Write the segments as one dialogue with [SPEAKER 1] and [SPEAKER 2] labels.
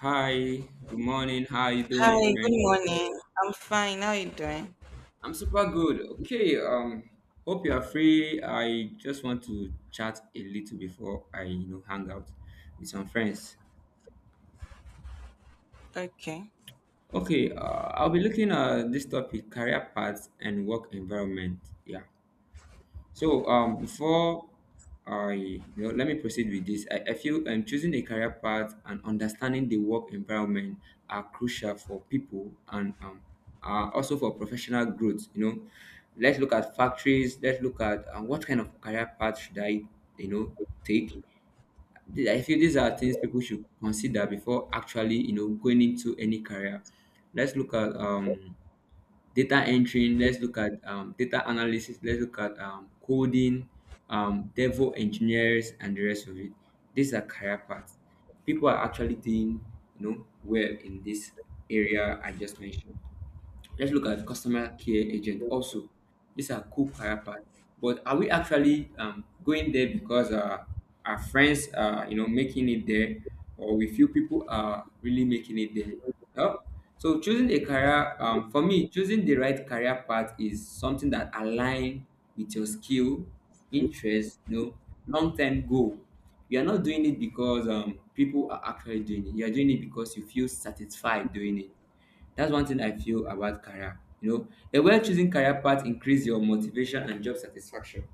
[SPEAKER 1] Hi, good morning. How you
[SPEAKER 2] Hi,
[SPEAKER 1] doing,
[SPEAKER 2] good
[SPEAKER 1] friend?
[SPEAKER 2] morning. I'm fine. How are you doing?
[SPEAKER 1] I'm super good. Okay, hope you are free. I just want to chat a little before I hang out with some friends.
[SPEAKER 2] Okay.
[SPEAKER 1] Okay, I'll be looking at this topic, career paths and work environment. Yeah. So before I let me proceed with this. I feel choosing a career path and understanding the work environment are crucial for people and are also for professional growth. You know, let's look at factories. Let's look at what kind of career path should I, you know, take. I feel these are things people should consider before actually, you know, going into any career. Let's look at data entering. Let's look at data analysis. Let's look at coding, devil engineers and the rest of it. These are career paths people are actually doing, you know, well in this area I just mentioned. Let's look at customer care agent also. These are cool character, but are we actually going there because our friends are, you know, making it there, or we feel people are really making it there? Oh, so choosing a career, for me, choosing the right career path is something that align with your skill, interest, you know, long term goal. You are not doing it because people are actually doing it. You are doing it because you feel satisfied doing it. That's one thing I feel about career. You know, a well chosen career path increase your motivation and job satisfaction.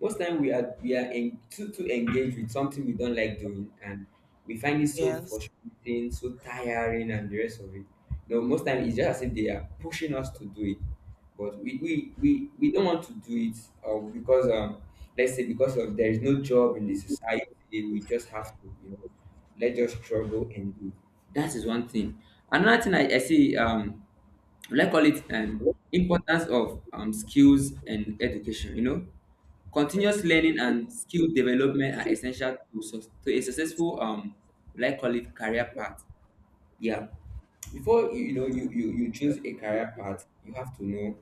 [SPEAKER 1] Most time we are too engaged with something we don't like doing and we find it so
[SPEAKER 2] Yes.
[SPEAKER 1] frustrating, so tiring, and the rest of it. No, most time it's just as if they are pushing us to do it, but we don't want to do it. Or because, um, let's say because of there is no job in the society, we just have to, you know, let us struggle and do. That is one thing. Another thing I see, um, will I call it importance of skills and education. You know, continuous learning and skill development are essential to, to a successful, will I call it, career path. Yeah, before you choose a career path, you have to know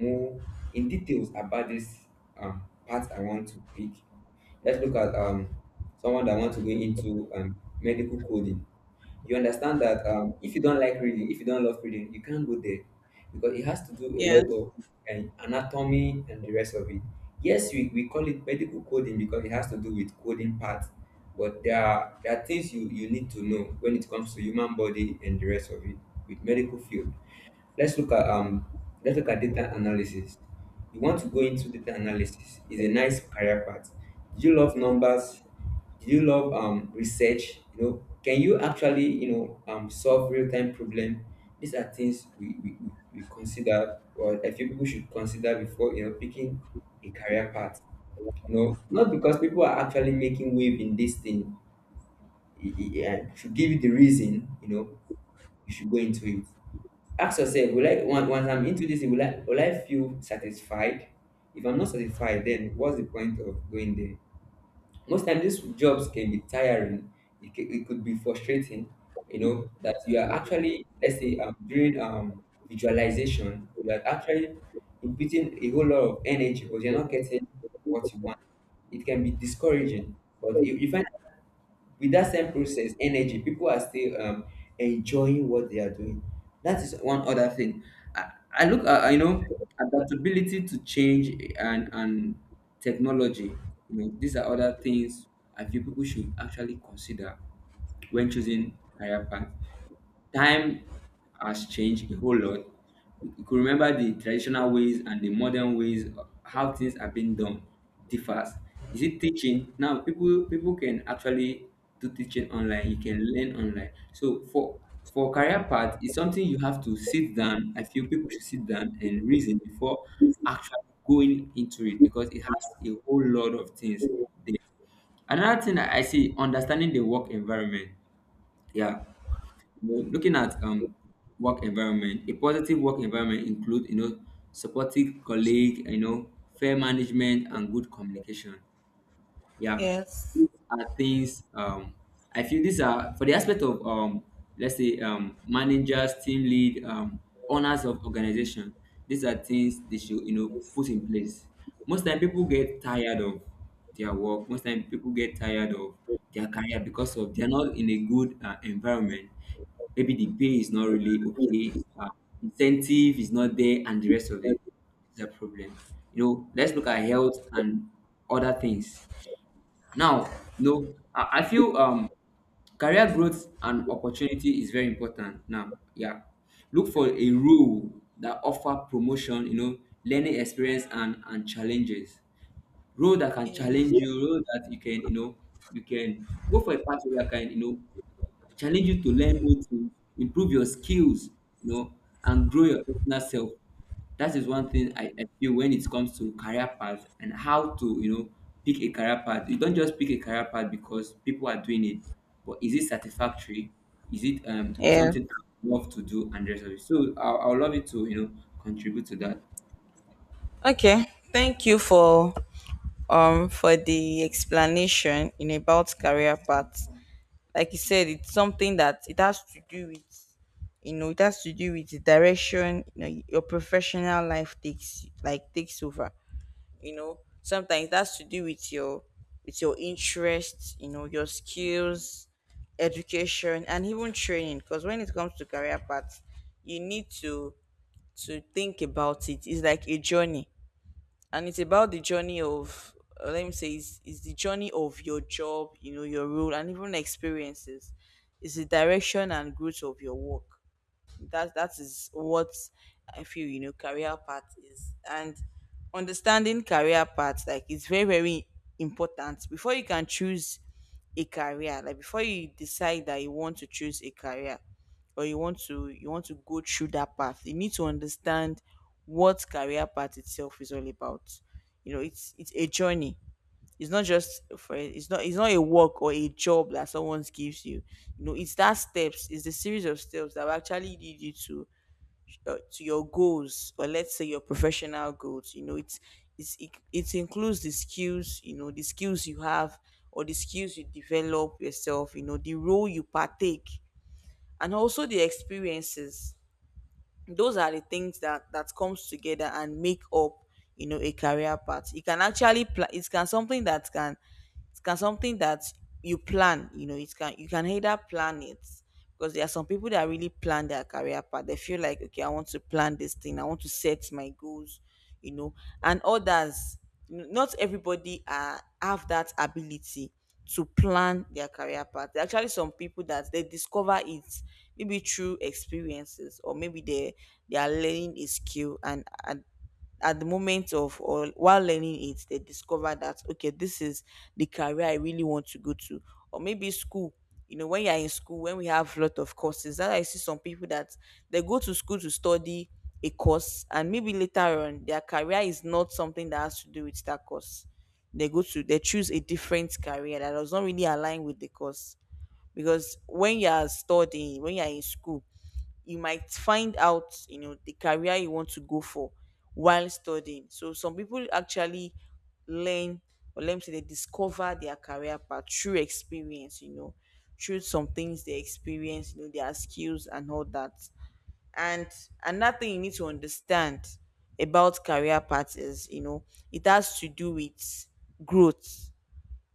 [SPEAKER 1] more in details about this, um, path I want to pick. Let's look at, someone that wants to go into medical coding. You understand that, if you don't like reading, if you don't love reading, you can't go there because it has to do a
[SPEAKER 2] Yes.
[SPEAKER 1] lot of anatomy and the rest of it. Yes, we call it medical coding because it has to do with coding part, but there are things you need to know when it comes to human body and the rest of it with medical field. Let's look at, let's look at data analysis. You want to go into data analysis. It's a nice career path. Do you love numbers? Do you love, um, research? You know, can you actually, you know, um, solve real-time problem? These are things we consider, or a few people should consider before, you know, picking a career path, you know, not because people are actually making wave in this thing. I should give you the reason, you know, you should go into it. Ask yourself, will I, once I'm into this, will I feel satisfied? If I'm not satisfied, then what's the point of going there? Most times, these jobs can be tiring. It could be frustrating. You know that you are actually, let's say, during visualization, you are actually inputting a whole lot of energy but you're not getting what you want. It can be discouraging, but you find with that same process energy people are still, enjoying what they are doing. That is one other thing I look at. You know, adaptability to change and technology, you know, these are other things I feel people should actually consider when choosing career path. Time has changed a whole lot. You could remember the traditional ways and the modern ways of how things are being done differs. Is it teaching? Now people can actually do teaching online. You can learn online. So for career path, it's something you have to sit down. I feel people should sit down and reason before actually going into it because it has a whole lot of things there. Another thing I see, understanding the work environment. Yeah, well, looking at, work environment, a positive work environment includes, you know, supportive colleague, you know, fair management and good communication. Yeah,
[SPEAKER 2] Yes.
[SPEAKER 1] these are things. I feel these are for the aspect of, let's say, managers, team lead, owners of organization. These are things they should, you know, put in place. Most time people get tired of their work. Most time people get tired of their career because of they're not in a good environment. Maybe the pay is not really okay. Incentive is not there, and the rest of it is a problem. You know, let's look at health and other things. Now, no, I feel career growth and opportunity is very important. Now, yeah, look for a role that offer promotion, you know, learning experience and challenges. Role that can
[SPEAKER 2] Yes.
[SPEAKER 1] challenge you, role that you can, you know, you can go for a pathway that can, you know, I challenge you to learn new things, improve your skills, you know, and grow your personal self. That is one thing I feel when it comes to career path and how to, you know, pick a career path. You don't just pick a career path because people are doing it, but is it satisfactory? Is it, um,
[SPEAKER 2] Yeah.
[SPEAKER 1] something I love to do and the rest of it? So I would love you to, you know, contribute to that.
[SPEAKER 2] Okay. Thank you for the explanation in about career paths. Like you said, it's something that it has to do with, you know, it has to do with the direction, you know, your professional life takes, like takes over. You know, sometimes that's to do with your interests, you know, your skills, education and even training, because when it comes to career paths you need to think about it. It's like a journey, and it's about the journey of, let me say, it's the journey of your job, you know, your role and even experiences. It's the direction and growth of your work. That is what I feel, you know, career path is. And understanding career path, like, is very, very important before you can choose a career, like before you decide that you want to choose a career, or you want to, you want to go through that path. You need to understand what career path itself is all about. You know, it's a journey. It's not just for it's not it's not a work or a job that someone gives you. You know, it's that steps, it's the series of steps that will actually lead you to, to your goals, or let's say your professional goals. You know, it includes the skills you have, or the skills you develop yourself, you know, the role you partake, and also the experiences. Those are the things that comes together and make up, you know, a career path. It can actually it can, something that can, it can, something that you plan. You know, it can, you can either plan it, because there are some people that really plan their career path. They feel like, okay, I want to plan this thing, I want to set my goals, you know. And others, not everybody are have that ability to plan their career path. There are actually some people that they discover it, maybe through experiences, or maybe they are learning a skill, and at the moment of, or while learning it, they discover that, okay, this is the career I really want to go to. Or maybe school. You know, when you're in school, when we have a lot of courses, that I see some people that they go to school to study a course, and maybe later on their career is not something that has to do with that course. They go to they choose a different career that does not really align with the course, because when you are studying, when you are in school, you might find out, you know, the career you want to go for while studying. So some people actually learn, or let me say they discover their career path through experience, you know, through some things they experience, you know, their skills and all that. And another thing you need to understand about career path is, you know, it has to do with growth.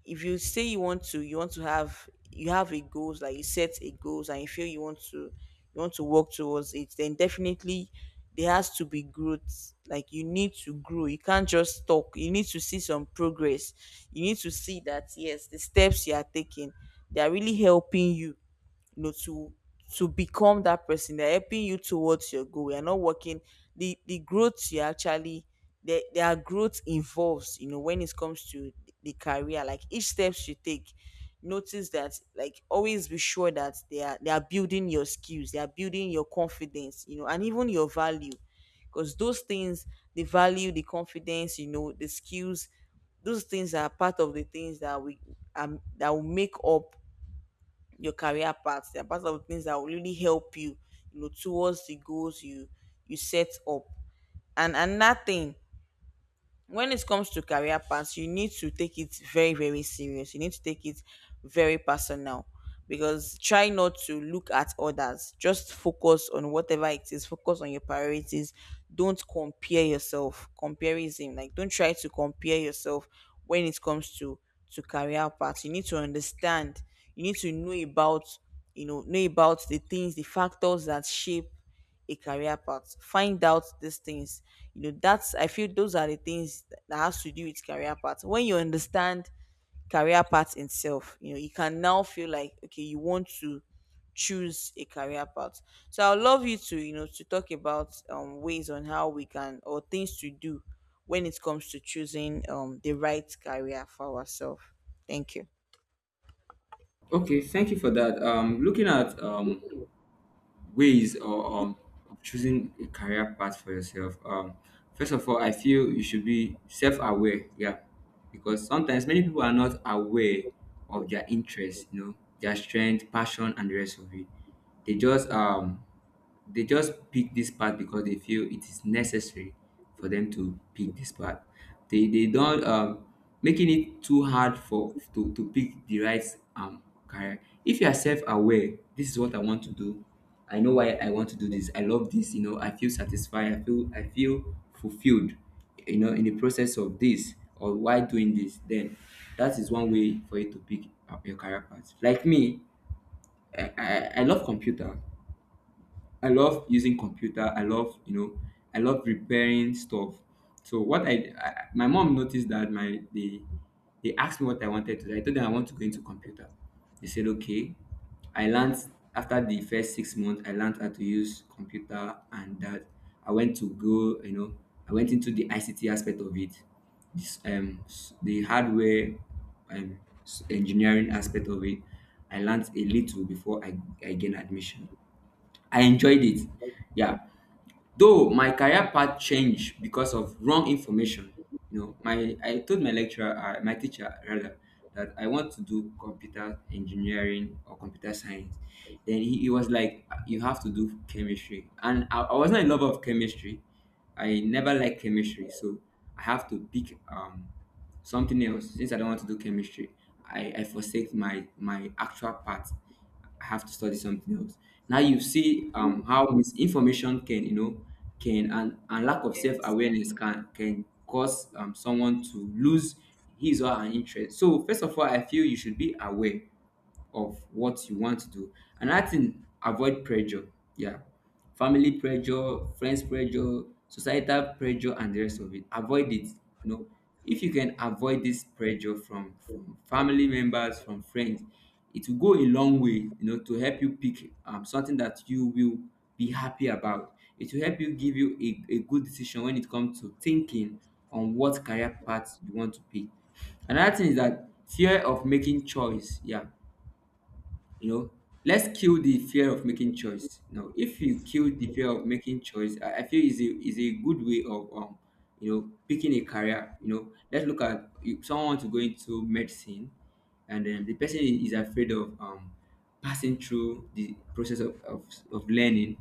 [SPEAKER 2] If you say you want to, you want to have, you have a goals, like you set a goals, and you feel you want to, you want to work towards it, then definitely there has to be growth. Like, you need to grow, you can't just talk, you need to see some progress. You need to see that, yes, the steps you are taking, they are really helping you, you know, to become that person. They're helping you towards your goal. You're not working. The growth you actually, there are growth involves, you know, when it comes to the career, like each steps you take, notice that, like, always be sure that they are building your skills, they are building your confidence, you know, and even your value. Because those things, the value, the confidence, you know, the skills, those things are part of the things that we, that will make up your career path. They're part of things that will really help you, you know, towards the goals you set up. And another thing, when it comes to career paths, you need to take it very, very serious. You need to take it very personal, because try not to look at others. Just focus on whatever it is. Focus on your priorities. Don't compare yourself. Comparison, like, don't try to compare yourself when it comes to career paths. You need to understand. You need to know about, you know about the things, the factors that shape a career path. Find out these things. You know, that's, I feel, those are the things that has to do with career path. When you understand career path itself, you know, you can now feel like, okay, you want to choose a career path. So I'd love you to, you know, to talk about ways on how we can, or things to do when it comes to choosing the right career for ourselves. Thank you.
[SPEAKER 1] Okay, thank you for that. Looking at ways or of choosing a career path for yourself, first of all, I feel you should be self-aware. Yeah, because sometimes many people are not aware of their interests, you know, their strength, passion, and the rest of it. They just they just pick this part because they feel it is necessary for them to pick this part. They don't, making it too hard for to pick the right, um career. If you are self aware, this is what I want to do. I know why I want to do this. I love this. You know, I feel satisfied. I feel fulfilled. You know, in the process of this or why doing this, then that is one way for you to pick up your career path. Like me, I love computer. I love using computer. I love, you know, I love repairing stuff. So what I my mom noticed that my, they asked me what I wanted to do. I told them I want to go into computer. They said okay. I learned after the first 6 months. I learned how to use computer and that I went to go, you know, I went into the ICT aspect of it, this the hardware engineering aspect of it. I learned a little before I gained admission. I enjoyed it. Yeah. Though my career path changed because of wrong information. You know, my, I told my lecturer, my teacher rather, that I want to do computer engineering or computer science. Then he was like, you have to do chemistry," and I was not in love of chemistry. I never liked chemistry, so I have to pick, something else since I don't want to do chemistry. I forsake my actual path. I have to study something else. Now you see, how misinformation can, you know, can and lack of self awareness can cause, someone to lose his or her interest. So first of all, I feel you should be aware of what you want to do. Another thing, avoid pressure. Yeah, family pressure, friends pressure, societal pressure, and the rest of it. Avoid it. You know, if you can avoid this pressure from family members, from friends, it will go a long way. You know, to help you pick, something that you will be happy about. It will help you give you a good decision when it comes to thinking on what career path you want to pick. Another thing is that fear of making choice. Yeah, you know, let's kill the fear of making choice. You know, if you kill the fear of making choice, I feel is a good way of you know picking a career. You know, let's look at if someone wants to go into medicine and then the person is afraid of passing through the process of learning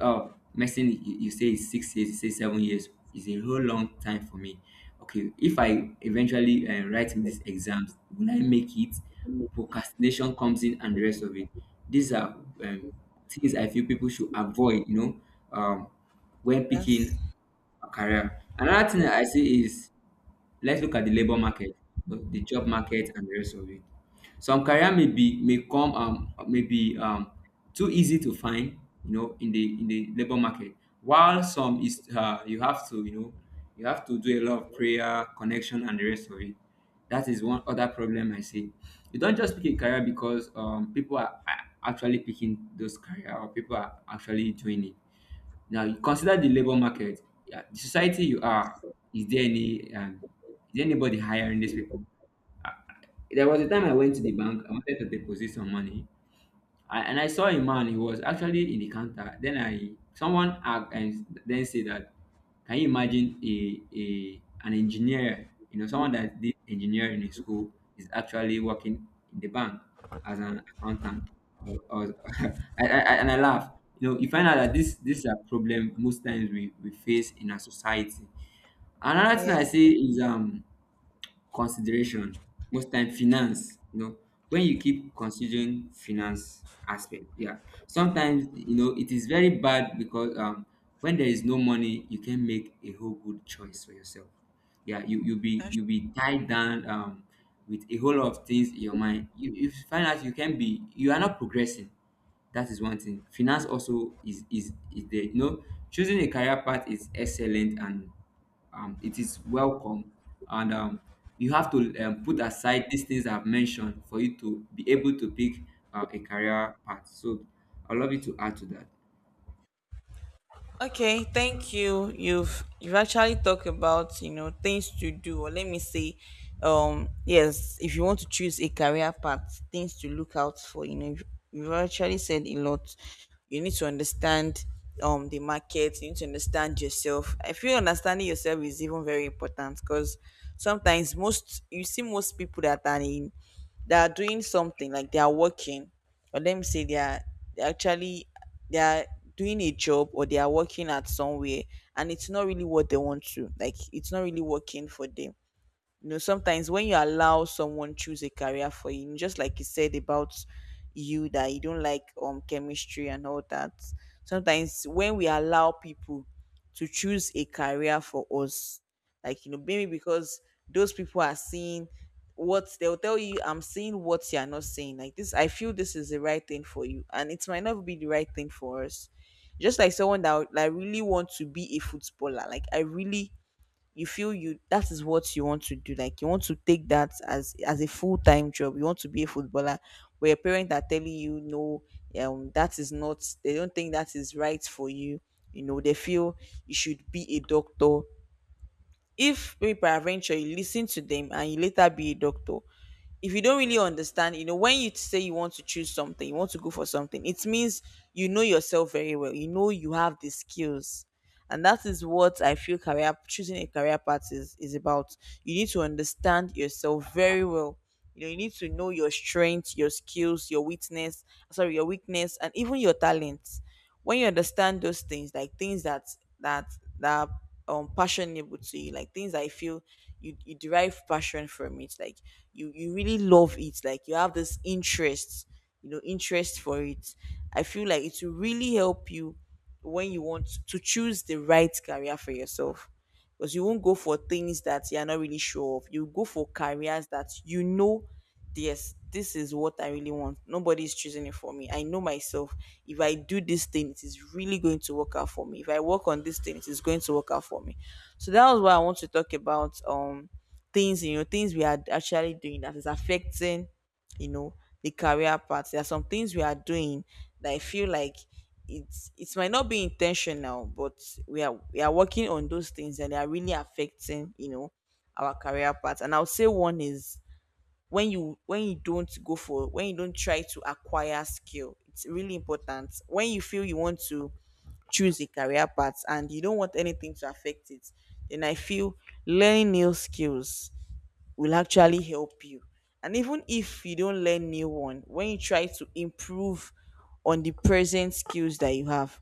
[SPEAKER 1] uh medicine. You say is 6 years, you say 7 years, is a whole long time for me. Okay, if I eventually write these exams, will I make it? Procrastination comes in and the rest of it. These are um, things I feel people should avoid, you know, um, when
[SPEAKER 2] Yes.
[SPEAKER 1] picking a career. Another thing that I see is let's look at the labor market, the job market and the rest of it. Some career may come, may be too easy to find, you know, in the labor market. While some is you have to, you know, you have to do a lot of prayer, connection, and the rest of it. That is one other problem I see. You don't just pick a career because people are actually picking those career or people are actually doing it. Now you consider the labor market, yeah, the society you are. Is there any is there anybody hiring these people? There was a time I went to the bank. I wanted to deposit some money, and I saw a man. He was actually in the counter. Then I someone asked, and then said that, "Can you imagine a, an engineer? You know, someone that did engineering in school is actually working in the bank as an accountant." I was, I, and I laugh. You know, you find out that this is a problem most times we face in our society. Another thing I
[SPEAKER 2] Yeah.
[SPEAKER 1] say is consideration. Most time finance, you know, when you keep considering finance aspect, yeah, sometimes, you know, it is very bad because when there is no money you can make a whole good choice for yourself. Yeah, you be tied down with a whole lot of things in your mind. You find out you can be you are not progressing. That is one thing. Finance also is is there, you know. Choosing a career path is excellent and, it is welcome, and you have to, put aside these things I've mentioned for you to be able to pick a career path. So I'd love you to add to that.
[SPEAKER 2] Okay, thank you. You've actually talked about, you know, things to do, or let me say, yes, if you want to choose a career path, things to look out for. You know, you've actually said a lot. You need to understand the market. You need to understand yourself. I feel understanding yourself is even very important, because sometimes most, you see, most people that are in, they are doing something, like they are working, or let me say they actually they are doing a job, or they are working at somewhere, and it's not really what they want to, like it's not really working for them. You know, sometimes when you allow someone choose a career for you, just like you said about you, that you don't like chemistry and all that. Sometimes when we allow people to choose a career for us, like, you know, maybe because those people are seeing, what they'll tell you, I'm seeing what you're not seeing, like this, I feel this is the right thing for you, and it might not be the right thing for us. Just like someone that, like, really wants to be a footballer. Like, I really, you feel you, that is what you want to do, like you want to take that as a full-time job, you want to be a footballer. Where your parents are telling you no, that is not, they don't think that is right for you. You know, they feel you should be a doctor. If maybe by adventure you listen to them and you later be a doctor, if you don't really understand, you know, when you say you want to choose something, you want to go for something, it means you know yourself very well. You know, you have the skills, and that is what I feel career, choosing a career path is about. You need to understand yourself very well. You know, you need to know your strength, your skills, your weakness, sorry, your weakness, and even your talents. When you understand those things, like things that that are, passionable to you, like things, I feel, you derive passion from it. Like, you really love it, like you have this interest, you know, interest for it. I feel like it will really help you when you want to choose the right career for yourself, because you won't go for things that you're not really sure of. You go for careers that you know, yes, this is what I really want, nobody's choosing it for me, I know myself. If I do this thing, it is really going to work out for me. If I work on this thing, it is going to work out for me. So that was what I want to talk about, things, you know, things we are actually doing that is affecting, you know, the career path. There are some things we are doing that, I feel, like, it might not be intentional, but we are working on those things, and they are really affecting, you know, our career path. And I'll say one is, when you, when you don't go for when you don't try to acquire skill. It's really important, when you feel you want to choose a career path, and you don't want anything to affect it, then I feel learning new skills will actually help you. And even if you don't learn new one, when you try to improve on the present skills that you have,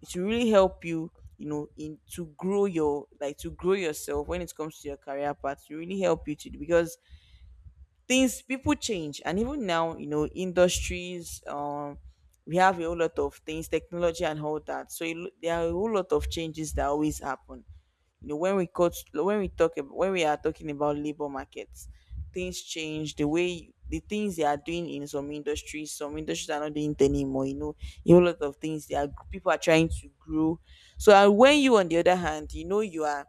[SPEAKER 2] it will really help you, you know, in to grow your, like to grow yourself when it comes to your career path. It will really help you to because things people change and even now, you know, industries, we have a whole lot of things, technology and all that. So it, there are a whole lot of changes that always happen, you know, when when we are talking about labor markets. Things change, the way the things they are doing in some industries, some industries are not doing it anymore, you know, a whole lot of things they are, people are trying to grow. So, and when you, on the other hand, you know, you are,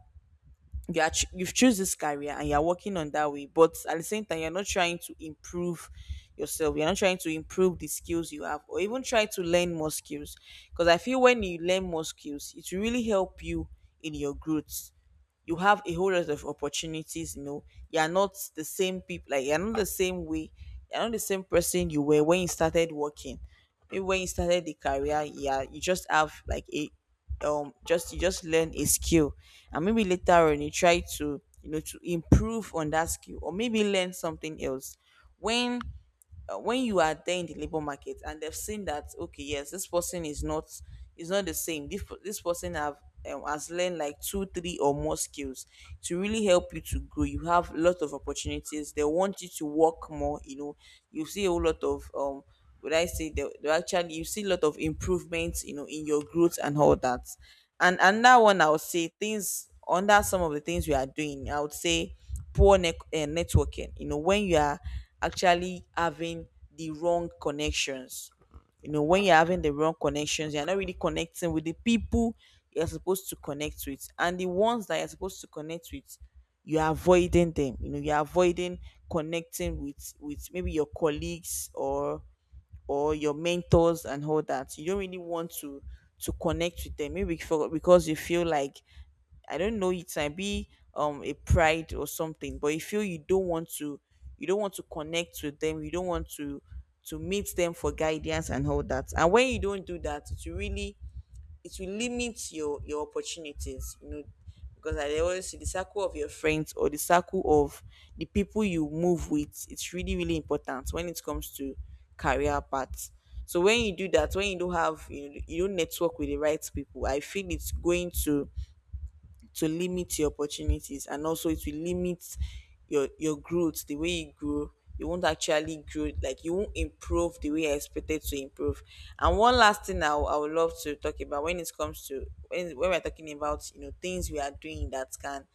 [SPEAKER 2] you've choose this career and you're working on that way, but at the same time you're not trying to improve yourself, you're not trying to improve the skills you have or even try to learn more skills, because I feel when you learn more skills it will really help you in your growth. You have a whole lot of opportunities, you know, you're not the same people, like you're not the same way, you're not the same person you were when you started working. Maybe when you started the career, yeah, you just have like a just you just learn a skill, and maybe later on you try to, you know, to improve on that skill or maybe learn something else. when when you are there in the labor market and they've seen that, okay, yes, this person is not, is not the same, this person have, has learned like two three or more skills. To really help you to grow, you have a lot of opportunities, they want you to work more, you know. You see a whole lot of would I say they, actually, you see a lot of improvements, you know, in your growth and all that. And that one, I would say, things under some of the things we are doing, I would say poor networking. You know, when you are actually having the wrong connections, you know, when you're having the wrong connections, you're not really connecting with the people you're supposed to connect with. And the ones that you're supposed to connect with, you're avoiding them. You know, you're avoiding connecting with maybe your colleagues or your mentors and all that. You don't really want to connect with them. Maybe for, because you feel like I don't know, it might be a pride or something, but you feel you don't want to, you don't want to connect with them, you don't want to meet them for guidance and all that. And when you don't do that, it will really, it will limit your opportunities, you know, because I always see the circle of your friends or the circle of the people you move with, it's really, really important when it comes to career paths. So when you do that, when you don't have, you know, you don't network with the right people, I feel it's going to limit your opportunities, and also it will limit your growth, the way you grow, you won't actually grow, like you won't improve the way I expected to improve. And one last thing I, I would love to talk about, when it comes to, when we're talking about, you know, things we are doing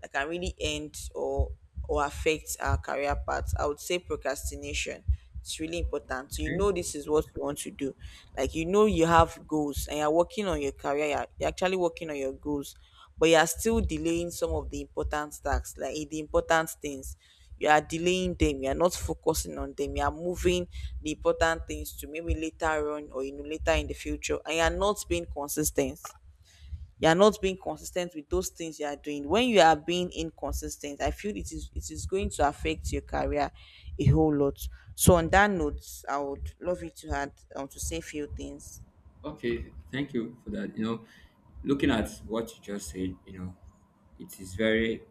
[SPEAKER 2] that can really end or affect our career path, I would say procrastination. It's really important. You
[SPEAKER 1] Okay,
[SPEAKER 2] know, this is what you want to do. Like, you know, you have goals and you're working on your career, you're actually working on your goals, but you are still delaying some of the important tasks, like the important things. You are delaying them, you are not focusing on them, you are moving the important things to maybe later on or you know later in the future, and you are not being consistent, you are not being consistent with those things you are doing. When you are being inconsistent, I feel it is, it is going to affect your career a whole lot. So on that note, I would love you to add, to say few things.
[SPEAKER 1] okay, thank you for that. You know, looking at what you just said, you know, it is very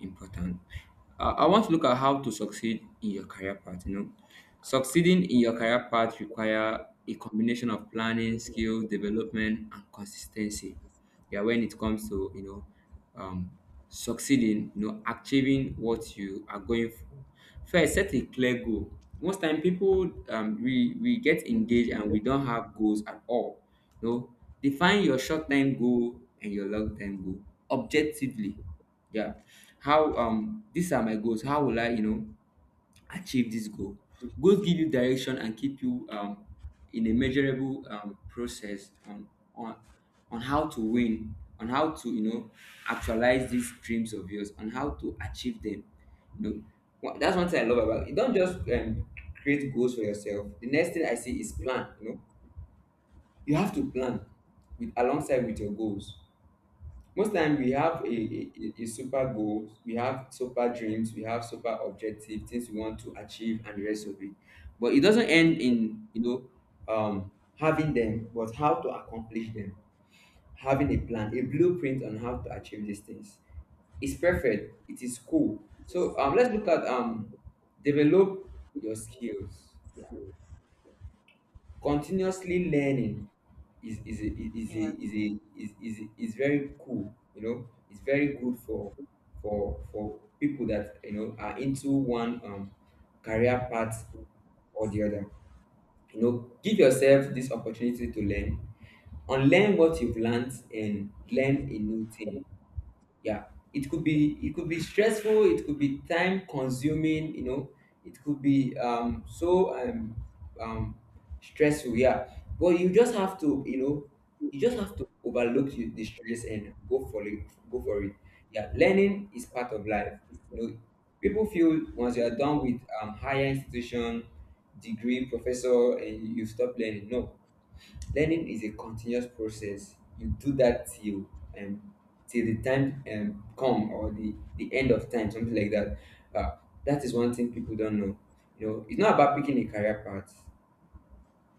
[SPEAKER 1] important. I want to look at how to succeed in your career path. You know, succeeding in your career path require a combination of planning, skill development and consistency. Yeah, when it comes to, you know, um succeeding, you know, achieving what you are going for, first set a clear goal. Most time people, we get engaged and we don't have goals at all. You know, define your short-term goal and your long-term goal objectively. Yeah, how, these are my goals, how will i, you know, achieve this goal? Goals give you direction and keep you, in a measurable, process on on how to win, on how to, you know, actualize these dreams of yours, on how to achieve them. You know, that's one thing I love about it. Don't just, create goals for yourself. The next thing I see is plan. You know, you have to plan with alongside with your goals. Most time we have a super goal. We have super dreams, we have super objective things we want to achieve and the rest of it. But it doesn't end in, you know, um, having them, but how to accomplish them. Having a plan, a blueprint on how to achieve these things, it's perfect, it is cool. So, let's look at, develop your skills. Yeah, continuously learning is a, is a,
[SPEAKER 2] Yes,
[SPEAKER 1] is a, is is very cool. You know, it's very good for for people that, you know, are into one, career path or the other. You know, give yourself this opportunity to learn, unlearn what you've learned, and learn a new thing. Yeah, it could be stressful, it could be time consuming, you know, it could be um stressful yeah, but you just have to, you know, you just have to overlook the stress and go for it. Go for it. Yeah, learning is part of life. You know, people feel once you are done with, higher institution, degree, professor, and you stop learning. No. Learning is a continuous process. You do that till, um till the time, come or the end of time, something like that. Uh, that is one thing people don't know. You know, it's not about picking a career path,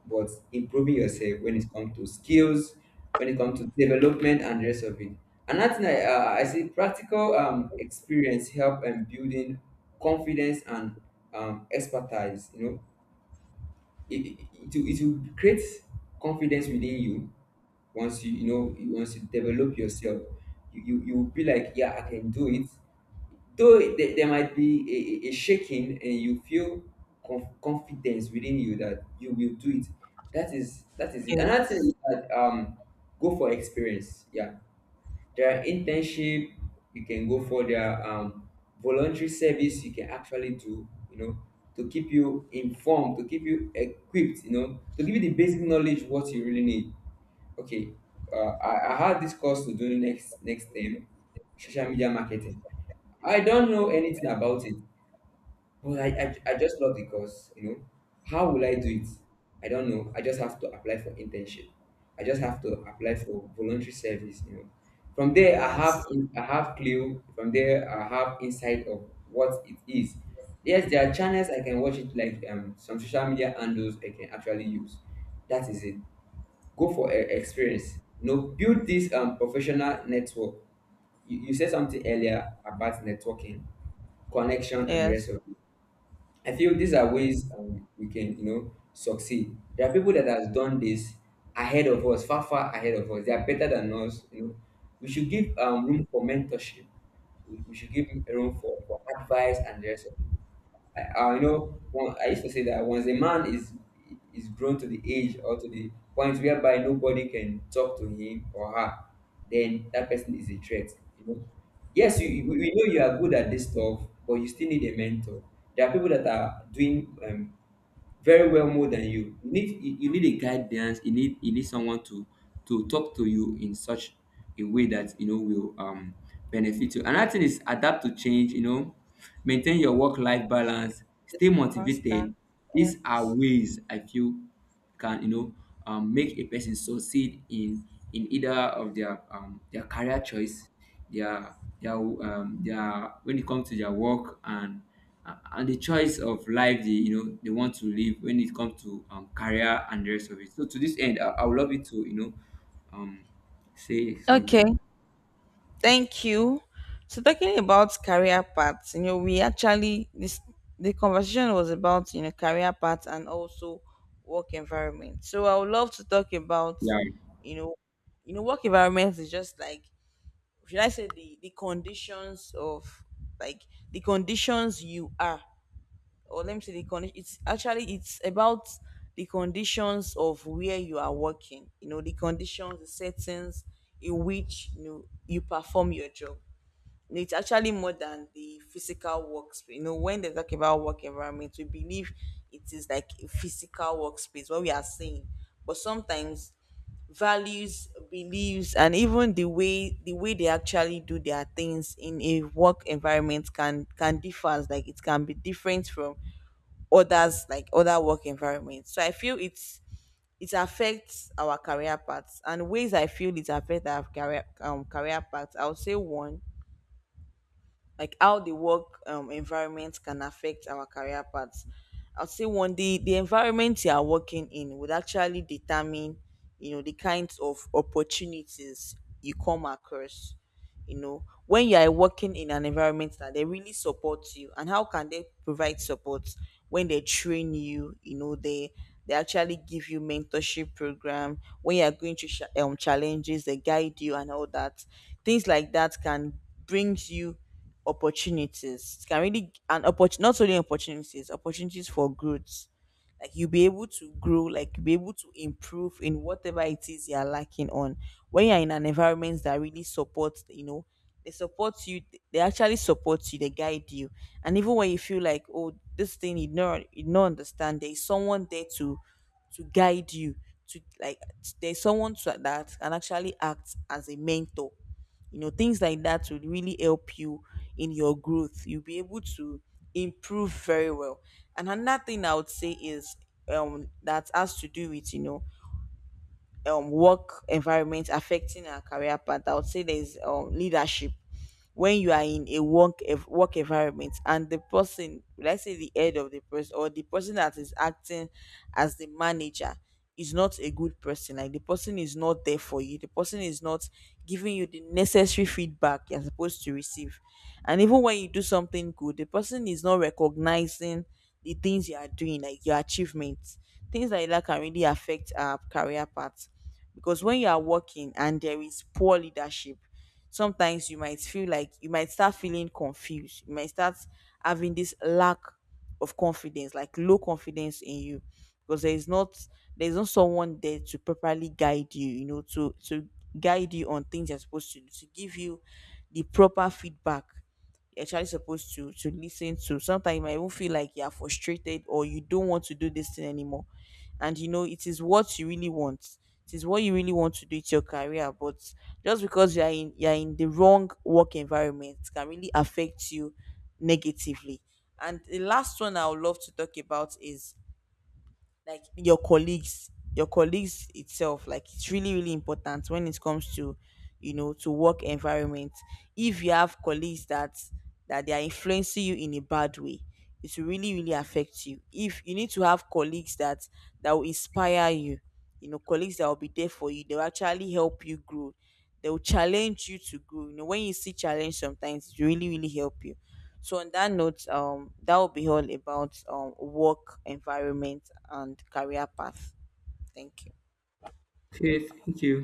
[SPEAKER 1] but improving yourself when it comes to skills, when it comes to development and the rest of it. Another thing I, I say, practical, experience help and building confidence and, expertise. You know, it will create confidence within you once you, you know once you develop yourself, you will be like, yeah, I can do it. Though there might be a shaking, and you feel confidence within you that you will do it. That is, that is it. Another thing is
[SPEAKER 2] yes,
[SPEAKER 1] that, go for experience. Yeah, there are internship you can go for. There are, voluntary service you can actually do. You know, to keep you informed, to keep you equipped. You know, to give you the basic knowledge what you really need. Okay, I had this course to do next next term, social media marketing. I don't know anything about it. But I just love the course, you know. How will I do it? I don't know. I just have to apply for internship. I just have to apply for voluntary service, you know. From there,
[SPEAKER 2] yes,
[SPEAKER 1] I have clue. From there, I have insight of what it is. Yes, there are channels I can watch it, like, some social media handles I can actually use. That is it. Go for experience. You know, build this, professional network. You said something earlier about networking, connection, and the rest
[SPEAKER 2] yes.
[SPEAKER 1] of it. I feel these are ways, we can, you know, succeed. There are people that has done this ahead of us, far, far ahead of us. They are better than us. You know, we should give, room for mentorship. We should give room for advice and the rest of it. I You know, one, I used to say that once a man is grown to the age or to the point whereby nobody can talk to him or her, then that person is a threat. You know, yes, you we know you are good at this stuff, but you still need a mentor. There are people that are doing, very well more than you. You need you need a guidance. You need someone to talk to you in such a way that, you know, will, benefit you. Another thing is adapt to change. You know, maintain your work life balance, stay
[SPEAKER 2] Just constant.
[SPEAKER 1] motivated. These
[SPEAKER 2] Yes.
[SPEAKER 1] are ways I feel can, you know, make a person succeed in either of their, their career choice, their their, their, when it comes to their work, and the choice of life they, you know, they want to live when it comes to, career and the rest of it. So to this end, I would love you to, you know, um, say
[SPEAKER 2] Okay.
[SPEAKER 1] something.
[SPEAKER 2] Thank you. So talking about career paths, you know, we actually, this, the conversation was about, you know, career paths and also work environment. So I would love to talk about,
[SPEAKER 1] Yeah,
[SPEAKER 2] you know, you know, work environment is just like, should I say the conditions of, like, the conditions you are, or let me say the condition, it's actually, it's about the conditions of where you are working, you know, the conditions, the settings in which, you know, you perform your job. It's actually more than the physical workspace. You know, when they talk about work environment, we believe it is like a physical workspace, what we are saying. But sometimes values, beliefs, and even the way, the way they actually do their things in a work environment, can differ. Like it can be different from others, like other work environments. So I feel it's, it affects our career paths, and ways I feel it affects our career, career paths, I would say one, like how the work environment can affect our career paths. I'll say one, the environment you are working in would actually determine, you know, the kinds of opportunities you come across. You know, when you are working in an environment that they really support you, and how can they provide support, when they train you, you know, they actually give you mentorship program, when you are going through challenges, they guide you and all that. Things like that can bring you opportunities, it can really, and not only opportunities, opportunities for growth, like you'll be able to grow, like you'll be able to improve in whatever it is you're lacking on. When you're in an environment that really supports, you know, they support you, they actually support you, they guide you, and even when you feel like, oh, this thing you don't, you don't understand, there is someone there to guide you, to like, there's someone to, that can actually act as a mentor. You know, things like that would really help you in your growth, you'll be able to improve very well. And another thing I would say is that has to do with, you know, work environment affecting our career path. I would say there's leadership. When you are in a work work environment and the person, let's say the head of the person or the person that is acting as the manager, is not a good person, like the person is not there for you, the person is not giving you the necessary feedback you're supposed to receive, and even when you do something good, the person is not recognizing the things you are doing, like your achievements, things like that can really affect our career path, because when you are working and there is poor leadership, sometimes you might feel like, you might start feeling confused. You might start having this lack of confidence, like low confidence in you, because there is not, there's not someone there to properly guide you. You know, to guide you on things you're supposed to do, to give you the proper feedback you're actually supposed to listen to. Sometimes you might even feel like you're frustrated or you don't want to do this thing anymore. And you know, it is what you really want. It is what you really want to do. It's your career, but just because you're in, you're in the wrong work environment, can really affect you negatively. And the last one I would love to talk about is, like, your colleagues, your colleagues itself, like it's really, really important when it comes to, you know, to work environment. If you have colleagues that that they are influencing you in a bad way, it will really really affect you. If you need to have colleagues that that will inspire you, you know, colleagues that will be there for you, they'll actually help you grow, they'll challenge you to grow. You know, when you see challenge, sometimes it will really really help you. So on that note, that will be all about work environment and career path. Thank you.
[SPEAKER 1] okay, thank you.